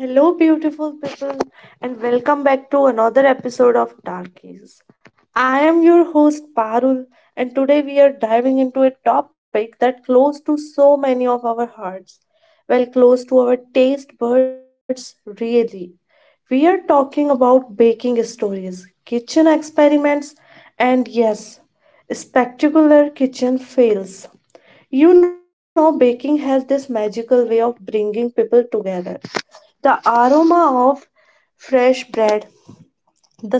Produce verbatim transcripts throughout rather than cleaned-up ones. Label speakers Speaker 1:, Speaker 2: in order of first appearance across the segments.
Speaker 1: Hello, beautiful people, and welcome back to another episode of Darkies. I am your host Parul, and today we are diving into a topic that close to so many of our hearts, well, close to our taste buds, really. We are talking about baking stories, kitchen experiments, and yes, spectacular kitchen fails. You know, baking has this magical way of bringing people together. The aroma of fresh bread,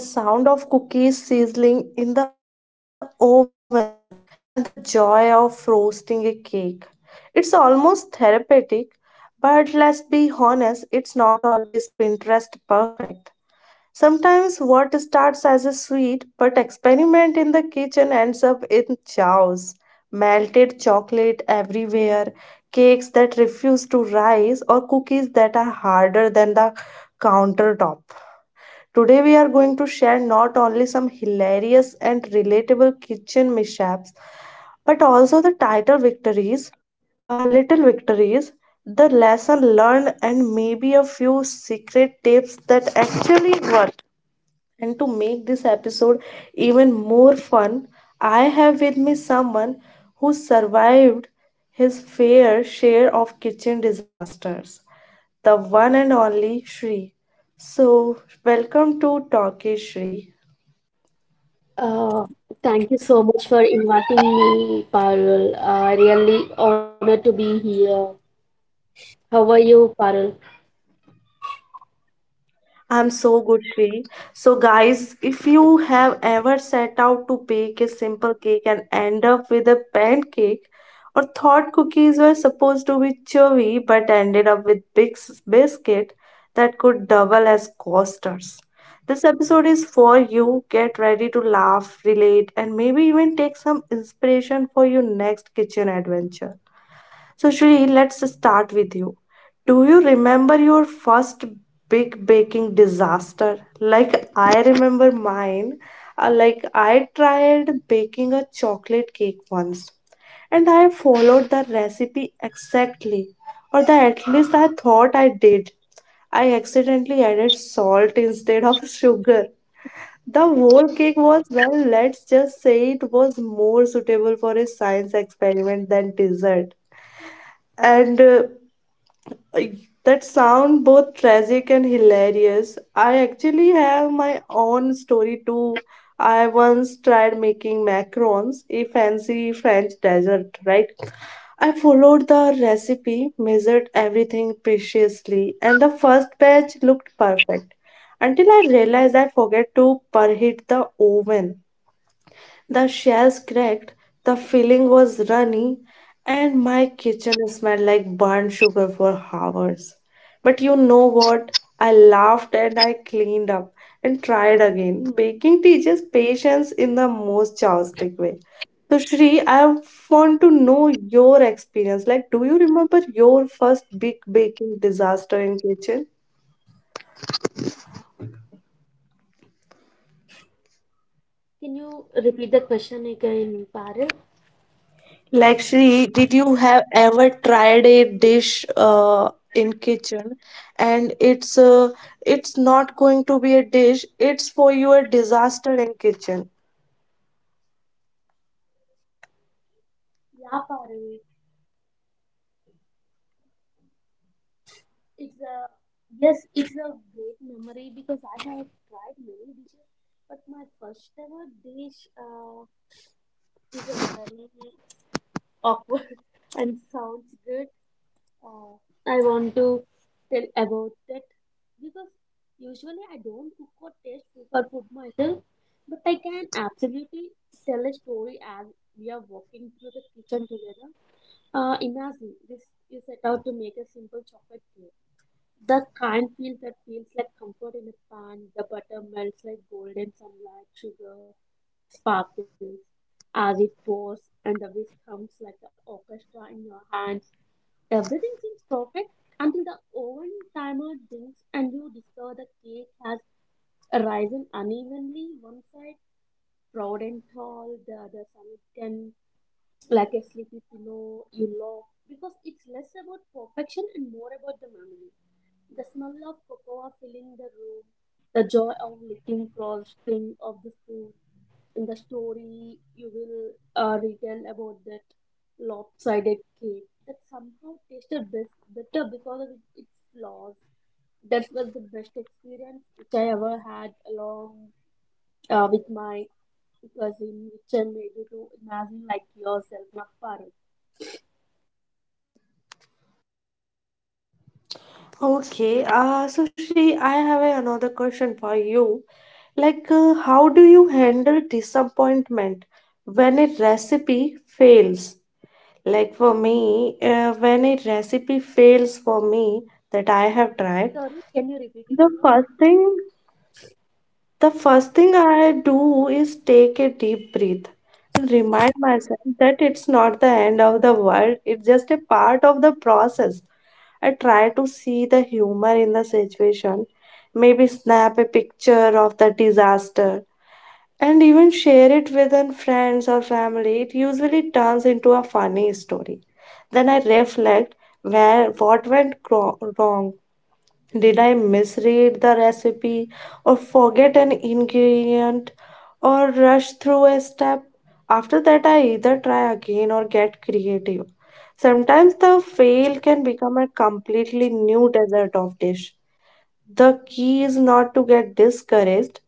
Speaker 1: the sound of cookies sizzling in the oven, and the joy of roasting a cake. It's almost therapeutic, but let's be honest, it's not always Pinterest perfect. Sometimes what starts as a sweet but experiment in the kitchen ends up in chaos. Melted chocolate everywhere, cakes that refuse to rise, or cookies that are harder than the countertop. Today, we are going to share not only some hilarious and relatable kitchen mishaps, but also the title victories, uh, little victories, the lesson learned, and maybe a few secret tips that actually work. And to make this episode even more fun, I have with me someone who survived his fair share of kitchen disasters, the one and only Shri. So, welcome to Talkie Shri.
Speaker 2: Uh, Thank you so much for inviting me, Parul. I really honored to be here. How are you, Parul?
Speaker 1: I'm so good, Shri. So, guys, if you have ever set out to bake a simple cake and end up with a pancake, or thought cookies were supposed to be chewy but ended up with big s- biscuit that could double as coasters, this episode is for you. Get ready to laugh, relate, and maybe even take some inspiration for your next kitchen adventure. So, Shri, let's start with you. Do you remember your first big baking disaster? Like I remember mine. Uh, like I tried baking a chocolate cake once, and I followed the recipe exactly, or the at least I thought I did. I accidentally added salt instead of sugar. The whole cake was, well, let's just say it was more suitable for a science experiment than dessert and uh, I- that sound both tragic and hilarious. I actually have my own story too. I once tried making macarons, a fancy French dessert, right? I followed the recipe, measured everything preciously, and the first batch looked perfect until I realized I forgot to preheat the oven. The shells cracked, the filling was runny, and my kitchen smelled like burnt sugar for hours. But you know what? I laughed and I cleaned up and tried again. Baking teaches patience in the most chaotic way. So, Shri, I want to know your experience. Like, do you remember your first big baking disaster in kitchen?
Speaker 2: Can you repeat the question again, Parul?
Speaker 1: Like Lakshmi, did you have ever tried a dish uh, in kitchen and it's uh, it's not going to be a dish, it's for your disaster in kitchen.
Speaker 2: Yeah, Parul. It's a Yes, it's a great memory because I have tried many dishes, but my first ever dish uh, is a very awkward and sounds good. Uh, I want to tell about that because usually I don't cook or taste super food myself, but I can absolutely tell a story as we are walking through the kitchen together. Uh, imagine this, you set out to make a simple chocolate cake. The kind feel that feels like comfort in a pan. The butter melts like golden sunlight, sugar sparkles as it pours, and the whisk hums like the orchestra in your hands. Everything seems perfect until the oven timer dings and you discover the cake has risen unevenly, one side proud and tall, the other sunken like a sleepy pillow. You love because it's less about perfection and more about the memory. The smell of cocoa filling the room, the joy of licking frosting of the spoon, in the story you will uh, retell about that lopsided cake that somehow tasted best, better because of its flaws. That was the best experience which I ever had along uh, with my cousin, which I made you to imagine like yourself, not Parul.
Speaker 1: Okay, uh, so Shri, I have a- another question for you. Like, uh, how do you handle disappointment when a recipe fails? Like for me, uh, when a recipe fails for me that I have tried,
Speaker 2: Sorry, can you repeat
Speaker 1: the
Speaker 2: it
Speaker 1: first
Speaker 2: again?
Speaker 1: thing The first thing I do is take a deep breath and remind myself that it's not the end of the world, it's just a part of the process. I try to see the humor in the situation, maybe snap a picture of the disaster and even share it with an friends or family. It usually turns into a funny story. Then I reflect where what went cro- wrong did I misread the recipe or forget an ingredient or rush through a step? After that, I either try again or get creative. Sometimes the fail can become a completely new dessert of dish. The key is not to get discouraged,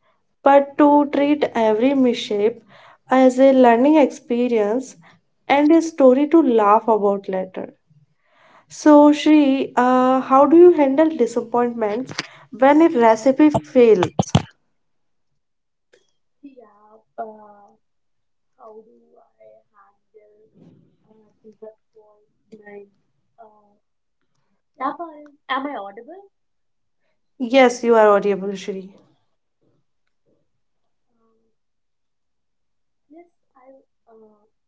Speaker 1: but to treat every mishap as a learning experience and a story to laugh about later. So, Shri, uh, how do you handle disappointments when a recipe fails?
Speaker 2: Yeah, uh, how do I handle uh, disappointment? Uh, yeah, Parul, am I audible?
Speaker 1: Yes, you are audible, Shri.
Speaker 2: Yes, I uh,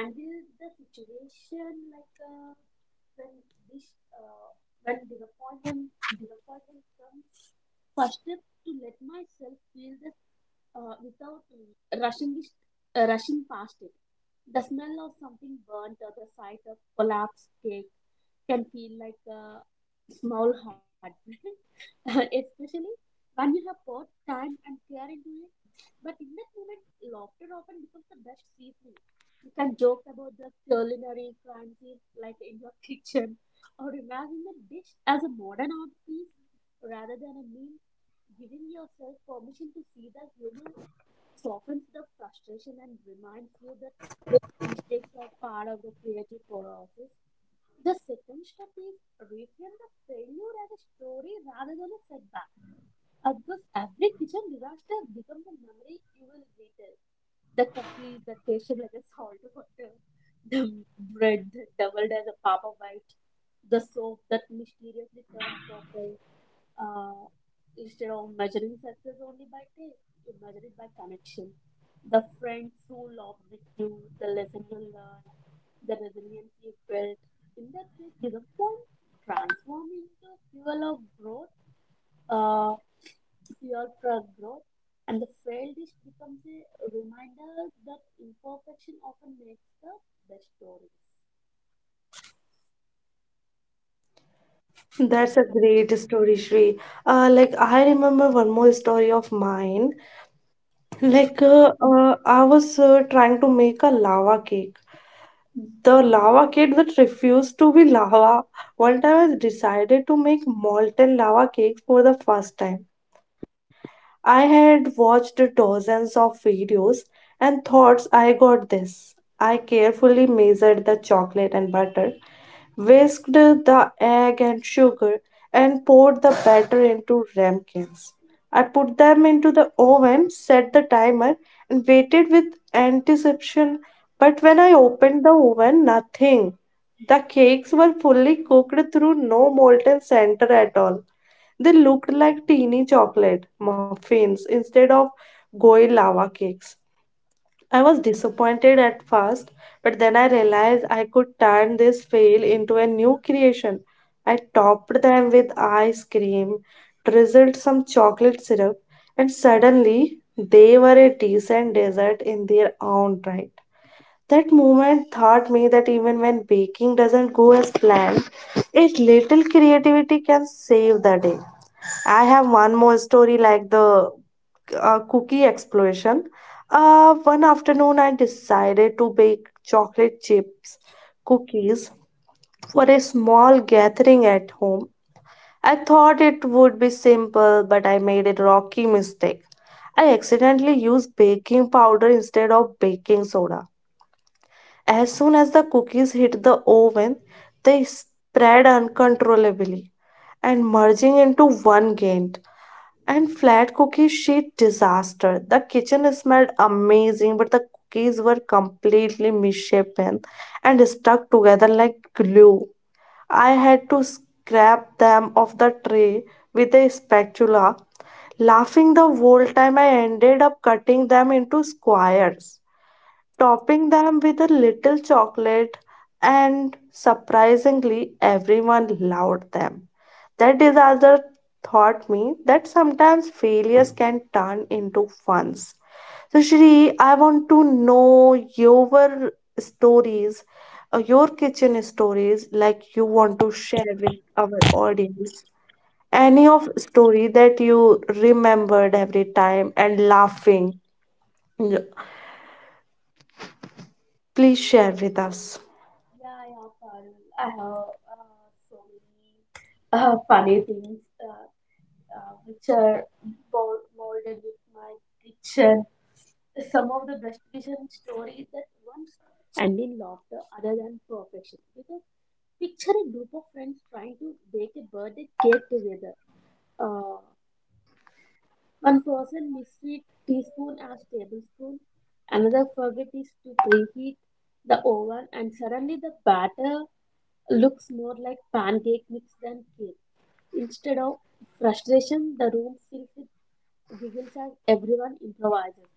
Speaker 2: handle the situation like, uh, when this, uh, when disappointment disappointment comes. First step to let myself feel this uh, without uh, rushing it, uh, rushing past it. The smell of something burnt or the sight of collapsed cake can feel like a small heartbreak, especially when you have poured time and care into it. But in that moment, laughter often becomes the best seasoning. You can joke about the culinary crime scene, like in your kitchen, or imagine the dish as a modern art piece rather than a meme. Giving yourself permission to see the humor softens the frustration and reminds you that mistakes are part of the creative process. The second step is reframe the failure as a story rather than a setback. Uh, because every kitchen disaster becomes a memory you will retell. The cookies that tasted like a salt water, the bread that doubled as a papa white, the soap that mysteriously turned purple, uh, instead of measuring success only by date, you measure it by connection. The friends who loved with you, the lesson you learned, the resilience you built. In that way, disappointment transform into fuel of growth, uh, fuel for growth. And the failed dish becomes a reminder that imperfection often makes the best stories.
Speaker 1: That's a great story, Shri. Uh, like, I remember one more story of mine. Like, uh, uh, I was uh, trying to make a lava cake. The lava cake that refused to be lava. One time I decided to make molten lava cakes for the first time. I had watched dozens of videos and thought I got this. I carefully measured the chocolate and butter, whisked the egg and sugar, and poured the batter into ramekins. I put them into the oven, set the timer, and waited with anticipation. But when I opened the oven, nothing. The cakes were fully cooked through no molten center at all. They looked like teeny chocolate muffins instead of goy lava cakes. I was disappointed at first, but then I realized I could turn this fail into a new creation. I topped them with ice cream, drizzled some chocolate syrup, and suddenly they were a decent dessert in their own right. That moment taught me that even when baking doesn't go as planned, a little creativity can save the day. I have one more story like the uh, cookie explosion. Uh, one afternoon, I decided to bake chocolate chips cookies for a small gathering at home. I thought it would be simple, but I made a rocky mistake. I accidentally used baking powder instead of baking soda. As soon as the cookies hit the oven, they spread uncontrollably and merging into one giant. And flat cookies, sheet disaster. The kitchen smelled amazing, but the cookies were completely misshapen and stuck together like glue. I had to scrape them off the tray with a spatula. Laughing the whole time, I ended up cutting them into squares topping them with a little chocolate, and surprisingly, everyone loved them. That disaster taught me that sometimes failures can turn into funs. So, Shri, I want to know your stories, uh, your kitchen stories, like you want to share with our audience. Any of story that you remembered every time and laughing, please share with us.
Speaker 2: Yeah, yeah, Parul. I have uh, so many uh, funny things uh, uh, which are mold, molded with my kitchen. Some of the best kitchen stories that once end in laughter other than perfection. Because picture a group of friends trying to bake a birthday cake together. Uh, one person misread teaspoon as tablespoon, another forget is to preheat the oven, and suddenly the batter looks more like pancake mix than cake. Instead of frustration, the room fills with giggles as everyone improvises.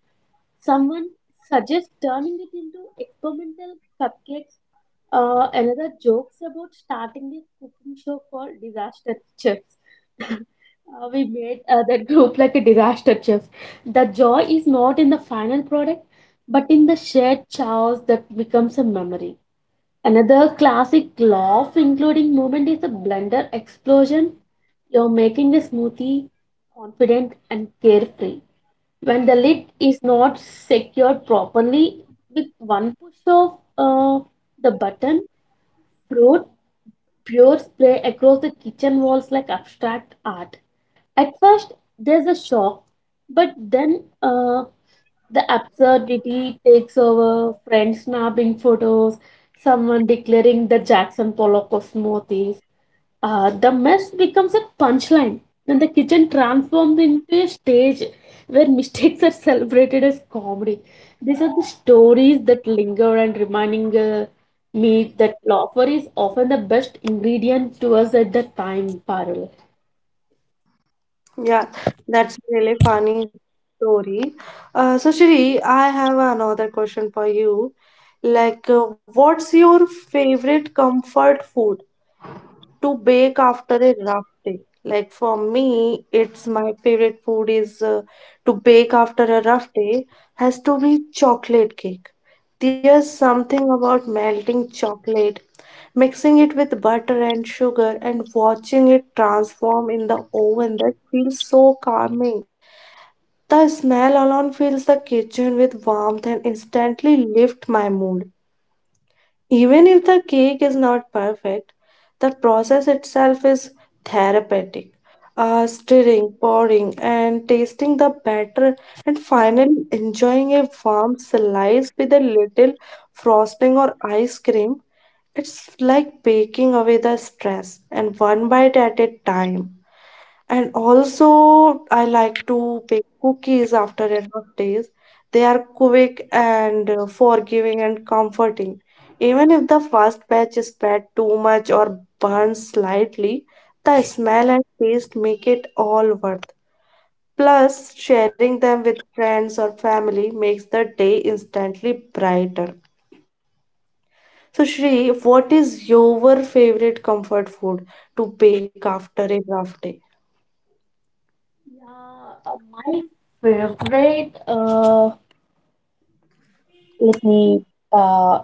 Speaker 2: Someone suggests turning it into experimental cupcakes. Uh, another jokes about starting a cooking show called Disaster Chefs. Uh, we made uh, that group like a disaster chef. The joy is not in the final product, but in the shared chaos that becomes a memory. Another classic laugh, including moment, is a blender explosion. You're making the smoothie confident and carefree. When the lid is not secured properly, with one push of uh, the button, fruit pure spray across the kitchen walls like abstract art. At first, there's a shock, but then uh, the absurdity takes over. Friends snapping photos, someone declaring the Jackson Pollock of smoothies, uh, the mess becomes a punchline, and the kitchen transforms into a stage where mistakes are celebrated as comedy. These are the stories that linger and reminding uh, me that laughter is often the best ingredient to us at the time, Parul.
Speaker 1: Yeah, that's really funny story. Uh, so Shri, I have another question for you. Like, uh, what's your favorite comfort food to bake after a rough day? Like for me, it's my favorite food is uh, to bake after a rough day has to be chocolate cake. There's something about melting chocolate, mixing it with butter and sugar, and watching it transform in the oven that feels so calming. The smell alone fills the kitchen with warmth and instantly lifts my mood. Even if the cake is not perfect, the process itself is therapeutic. Uh, stirring, pouring, and tasting the batter, and finally enjoying a warm slice with a little frosting or ice cream. It's like baking away the stress and one bite at a time. And also, I like to bake cookies after a rough days. They are quick and uh, forgiving and comforting. Even if the first batch is bad too much or burns slightly, the smell and taste make it all worth. Plus, sharing them with friends or family makes the day instantly brighter. So, Shri, what is your favorite comfort food to bake after a rough day?
Speaker 2: Yeah, uh, my favorite. Uh, let me uh,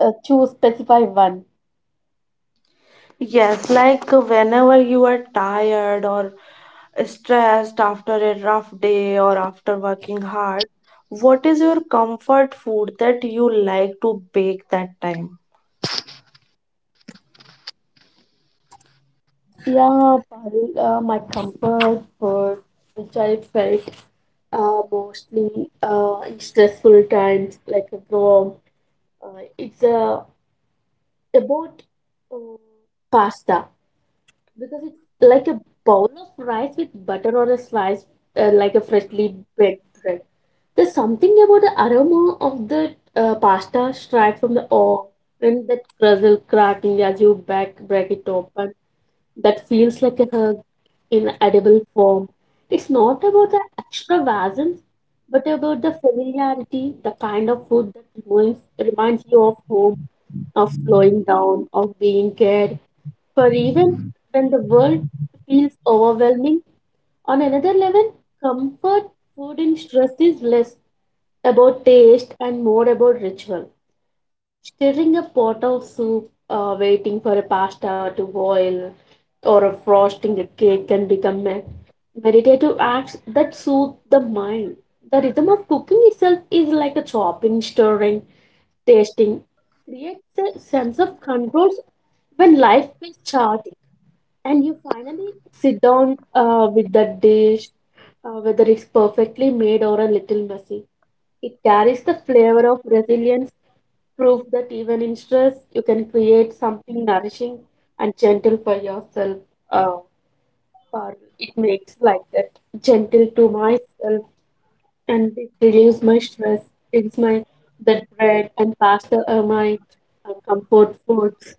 Speaker 2: uh, choose specify one.
Speaker 1: Yes, like uh, whenever you are tired or stressed after a rough day or after working hard, what is your comfort food that you like to bake that time?
Speaker 2: Yeah, Pahil, uh, my comfort food, which I felt uh, mostly uh, in stressful times, like a grow, uh, it's uh, about uh, pasta because it's like a bowl of rice with butter on a slice, uh, like a freshly baked bread. There's something about the aroma of the uh, pasta straight from the oven, and that crustle cracking as you back break it open that feels like a hug in edible form. It's not about the extravagance, but about the familiarity, the kind of food that reminds, reminds you of home, of slowing down, of being cared for. Even when the world feels overwhelming, on another level, comfort food in stress is less about taste and more about ritual. Stirring a pot of soup, uh, waiting for a pasta to boil, or frosting a cake can become a meditative acts that soothe the mind. The rhythm of cooking itself is like a chopping, stirring, tasting, creates a sense of control when life is chaotic and you finally sit down uh, with that dish, uh, whether it's perfectly made or a little messy. It carries the flavor of resilience, proof that even in stress, you can create something nourishing and gentle for yourself. Uh, Parul, it makes like that gentle to myself, and it relieves my stress. It's my that bread and pasta are my uh, comfort foods.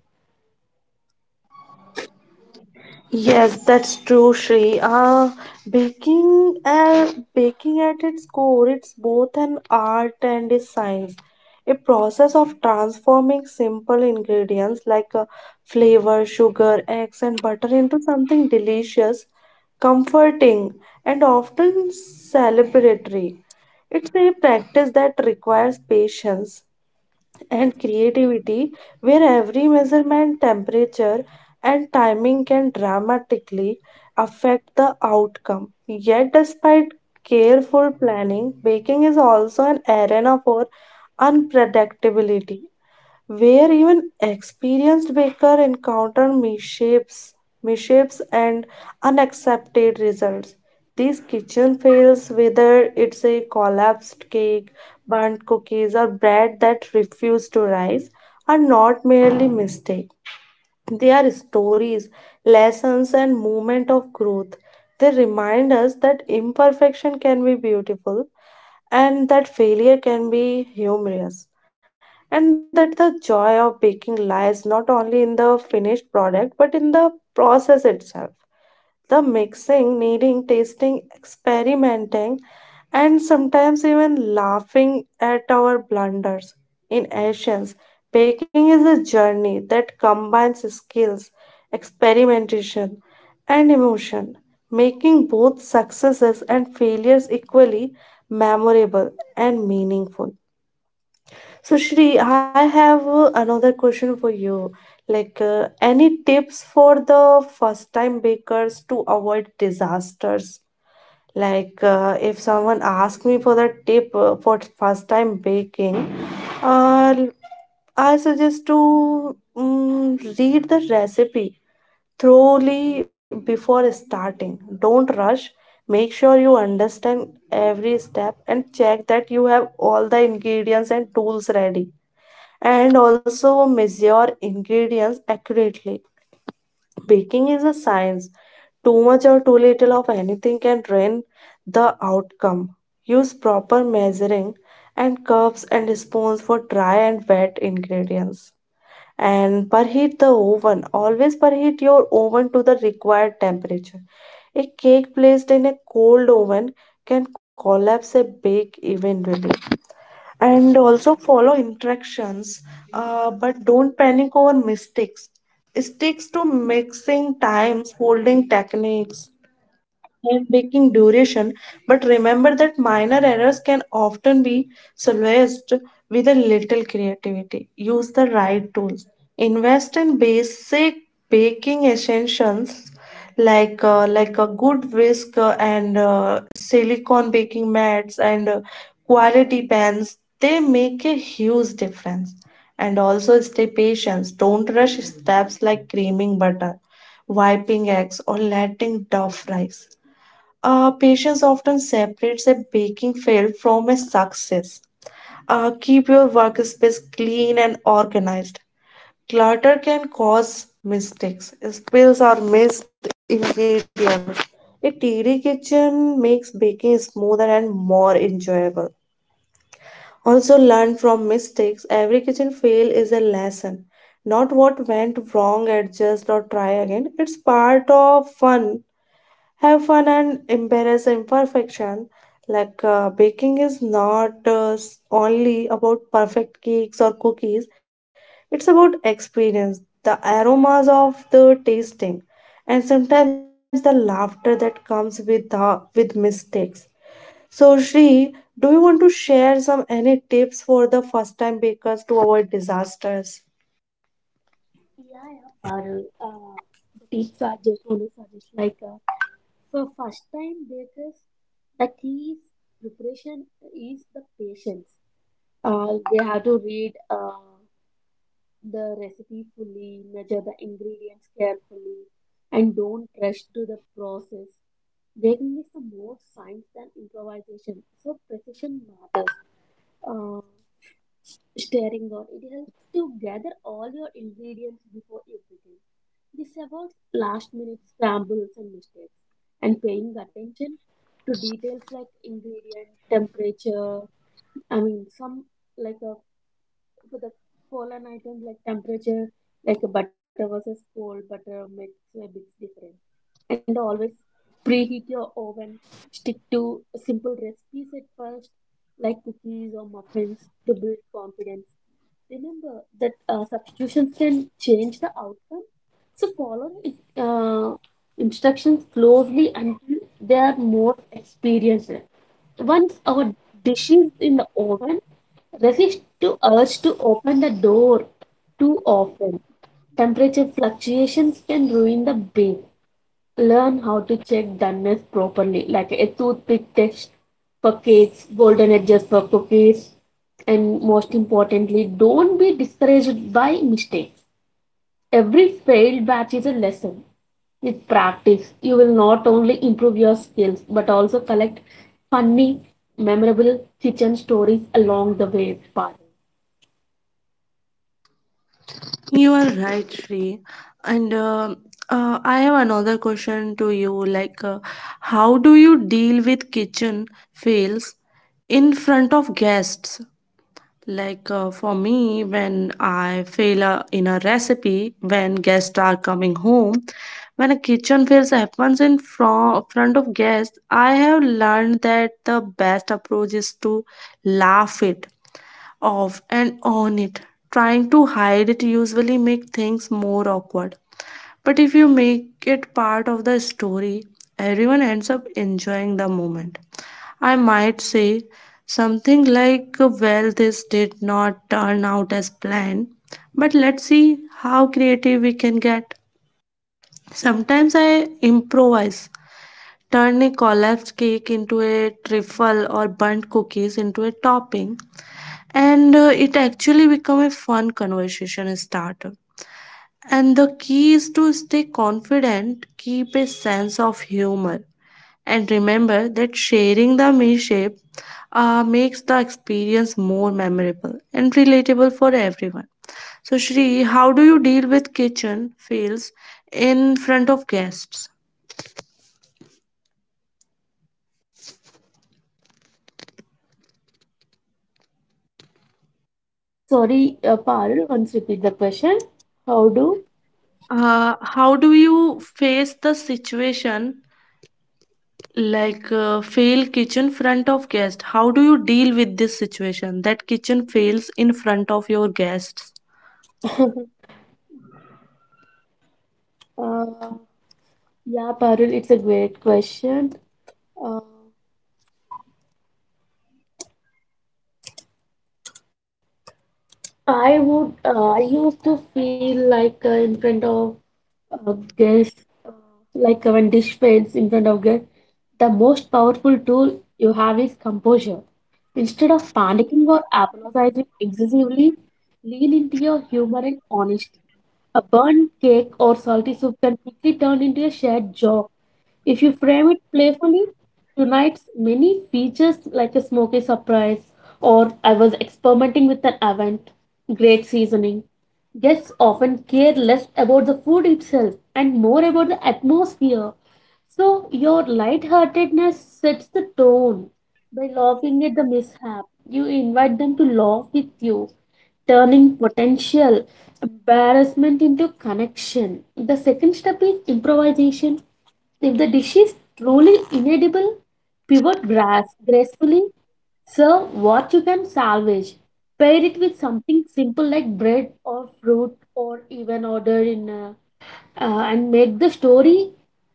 Speaker 1: Yes, that's true, Shri. Uh, baking, uh, baking at its core, it's both an art and a science. A process of transforming simple ingredients like uh, flavor, sugar, eggs, and butter into something delicious, comforting, and often celebratory. It's a practice that requires patience and creativity, where every measurement, temperature, and timing can dramatically affect the outcome. Yet, despite careful planning, baking is also an arena for unpredictability where even experienced baker encounter misshapes, misshapes and unaccepted results. These kitchen fails, whether it's a collapsed cake, burnt cookies, or bread that refuse to rise, are not merely mistakes. They are stories, lessons, and moments of growth. They remind us that imperfection can be beautiful and that failure can be humorous and that the joy of baking lies not only in the finished product but in the process itself the mixing, kneading, tasting, experimenting, and sometimes even laughing at our blunders. In Asians, baking is a journey that combines skills, experimentation, and emotion, making both successes and failures equally memorable and meaningful. So, Shri, I have uh, another question for you. Like, uh, any tips for the first-time bakers to avoid disasters? Like, uh, if someone asks me for the tip uh, for first-time baking, uh, I suggest to mm, read the recipe thoroughly before starting. Don't rush. Make sure you understand every step and check that you have all the ingredients and tools ready and also measure ingredients accurately. Baking is a science. Too much or too little of anything can ruin the outcome. Use proper measuring and cups and spoons for dry and wet ingredients. And preheat the oven. Always preheat your oven to the required temperature. A cake placed in a cold oven can collapse and bake evenly and also follow instructions, uh, but don't panic over mistakes. Sticks to mixing times, holding techniques, baking duration, but remember that minor errors can often be solved with a little creativity. Use the right tools. Invest in basic baking essentials like uh, like a good whisk, uh, and uh, silicone baking mats, and uh, quality pans. They make a huge difference. And also stay patient. Don't rush steps like creaming butter, wiping eggs, or letting dough rise. Uh, patience often separates a baking fail from a success. Uh, keep your workspace clean and organized. Clutter can cause mistakes, spills, or missed ingredients. A tidy kitchen makes baking smoother and more enjoyable. Also, learn from mistakes. Every kitchen fail is a lesson. Not what went wrong, adjust or try again. It's part of fun. Have fun and embrace imperfection. Like uh, baking is not uh, s- only about perfect cakes or cookies, it's about experience, the aromas of the tasting, and sometimes the laughter that comes with the, with mistakes. So, Shri, do you want to share some any tips for the first time bakers to avoid disasters?
Speaker 2: Yeah, yeah, Parul. Uh, the tips I just want to suggest like, uh, for first time bakers, the key is preparation is the patience. Uh, they have to read uh, the recipe fully, measure the ingredients carefully, and don't rush to the process. Baking is the more science than improvisation, so precision matters. Uh, stirring board. It helps to gather all your ingredients before you begin. This avoids last minute scrambles and mistakes. And paying attention to details like ingredient, temperature, I mean, some like a, for the colon items like temperature, like butter versus cold butter makes a big difference and always preheat your oven. Stick to simple recipes at first, like cookies or muffins, to build confidence. Remember that uh, substitutions can change the outcome, so follow the uh, instructions closely until they are more experienced. Once our dish is in the oven, resist to urge to open the door too often. Temperature fluctuations can ruin the bake. Learn how to check doneness properly, like a toothpick test for cakes, golden edges for cookies, and most importantly, don't be discouraged by mistakes. Every failed batch is a lesson. With practice, you will not only improve your skills but also collect funny, memorable kitchen stories along the way, Parul.
Speaker 1: You are right, Shri. And um uh, I have another question to you. Like, uh, how do you deal with kitchen fails in front of guests? Like uh, for me, when I fail uh, in a recipe, when guests are coming home, when a kitchen fails happens in fro- front of guests, I have learned that the best approach is to laugh it off and on it. Trying to hide it usually make things more awkward. But if you make it part of the story, everyone ends up enjoying the moment. I might say something like, "Well, this did not turn out as planned, but let's see how creative we can get." Sometimes I improvise, turn a collapsed cake into a trifle or burnt cookies into a topping, and uh, it actually become a fun conversation starter. And the key is to stay confident, keep a sense of humor, and remember that sharing the meal shape uh, makes the experience more memorable and relatable for everyone. So, Shri, how do you deal with kitchen fails in front of guests?
Speaker 2: Sorry, uh, Parul, once repeat the question. How do?
Speaker 1: Uh, how do you face the situation like uh, fail kitchen front of guest? How do you deal with this situation that kitchen fails in front of your guests?
Speaker 2: Uh, yeah, Parul, it's a great question. I would, uh, I used to feel like uh, in front of uh, guests, uh, like uh, when dish paints in front of guests, the most powerful tool you have is composure. Instead of panicking or apologizing excessively, lean into your humor and honesty. A burnt cake or salty soup can quickly turn into a shared joke. If you frame it playfully, tonight's many features like a smoky surprise or I was experimenting with an event, great seasoning. Guests often care less about the food itself and more about the atmosphere so, your lightheartedness sets the tone. By laughing at the mishap, you invite them to laugh with you, turning potential embarrassment into connection. The second step is improvisation. If the dish is truly inedible, pivot grass gracefully. Serve what you can salvage. Pair it with something simple like bread or fruit, or even order in a uh, and make the story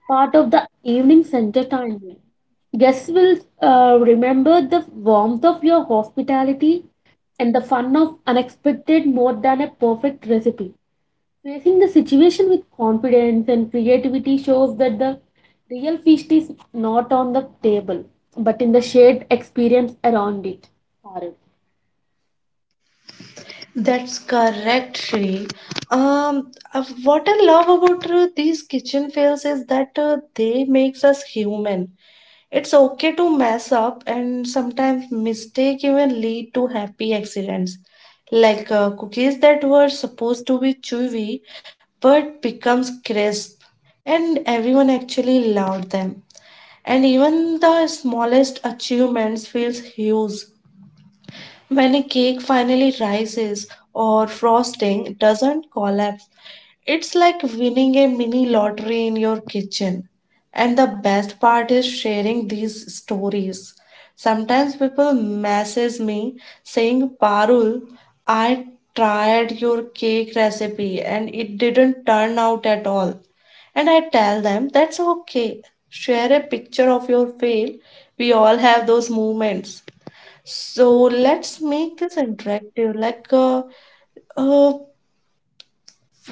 Speaker 2: part of the evening's entertainment. Guests will uh, remember the warmth of your hospitality and the fun of unexpected more than a perfect recipe. Facing the situation with confidence and creativity shows that the real feast is not on the table but in the shared experience around it. Parul.
Speaker 1: That's correct, Shri. Um, uh, what I love about uh, these kitchen fails is that uh, they makes us human. It's okay to mess up, and sometimes mistake even lead to happy accidents, like uh, cookies that were supposed to be chewy but becomes crisp, and everyone actually loved them. And even the smallest achievements feels huge when a cake finally rises or frosting doesn't collapse. It's like winning a mini lottery in your kitchen. And the best part is sharing these stories. Sometimes people message me saying, "Parul, I tried your cake recipe and it didn't turn out at all." And I tell them that's okay. Share a picture of your fail. We all have those moments. So let's make this interactive. Like, uh, uh,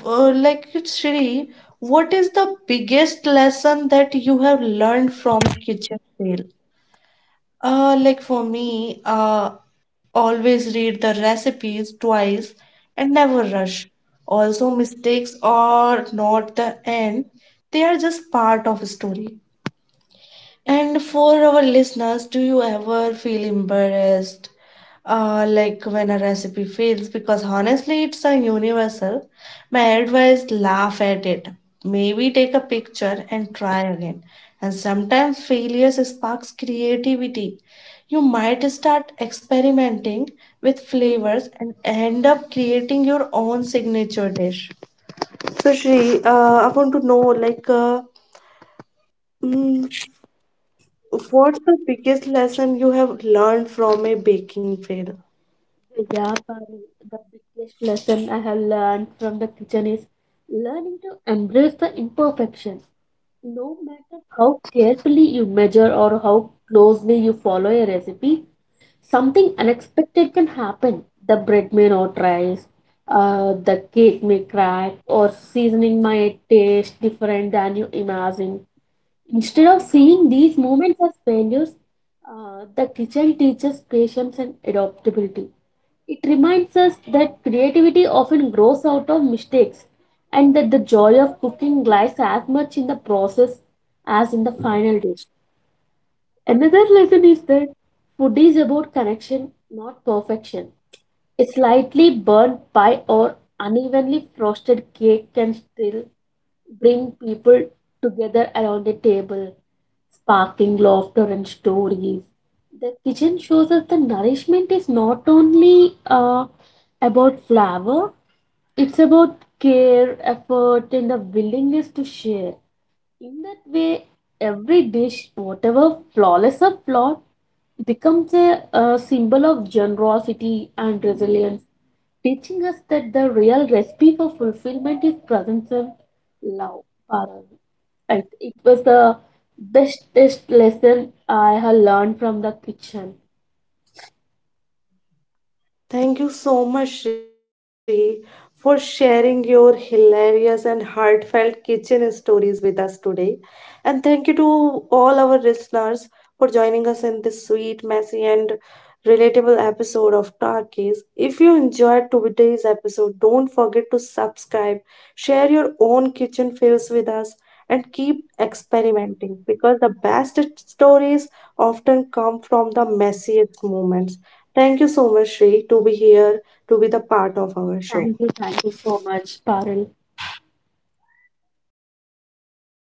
Speaker 1: uh, like Shri, what is the biggest lesson that you have learned from kitchen fail? Uh, like for me, uh, always read the recipes twice and never rush. Also, mistakes are not the end; they are just part of a story. And for our listeners, do you ever feel embarrassed, uh, like when a recipe fails? Because honestly, it's a universal. My advice: laugh at it. Maybe take a picture and try again. And sometimes failures sparks creativity. You might start experimenting with flavors and end up creating your own signature dish. So, Shri, uh, I want to know, like. Uh, what's the biggest lesson you have learned from a baking fail?
Speaker 2: Yeah, yap, the biggest lesson I have learned from the kitchen is learning to embrace the imperfection. No matter how carefully you measure or how closely you follow a recipe, something unexpected can happen. The bread may not rise, uh, the cake may crack, or seasoning might taste different than you imagine. Instead of seeing these moments as failures, uh, the kitchen teaches patience and adaptability. It reminds us that creativity often grows out of mistakes and that the joy of cooking lies as much in the process as in the final dish. Another lesson is that food is about connection, not perfection. A slightly burnt pie or unevenly frosted cake can still bring people together around a table, sparking laughter and stories. The kitchen shows us the nourishment is not only uh, about flavor, it's about care, effort, and the willingness to share. In that way, every dish, whatever flawless or flawed, becomes a, a symbol of generosity and resilience, teaching us that the real recipe for fulfillment is presence of love. Parul. I- It was the bestest lesson I have learned from the kitchen.
Speaker 1: Thank you so much, Shri, for sharing your hilarious and heartfelt kitchen stories with us today. And thank you to all our listeners for joining us in this sweet, messy, and relatable episode of Talkies. If you enjoyed today's episode, don't forget to subscribe, share your own kitchen fails with us, and keep experimenting because the best stories often come from the messiest moments. Thank you so much, Sri, to be here, to be the part of our show.
Speaker 2: Thank you, thank you so much, Parul.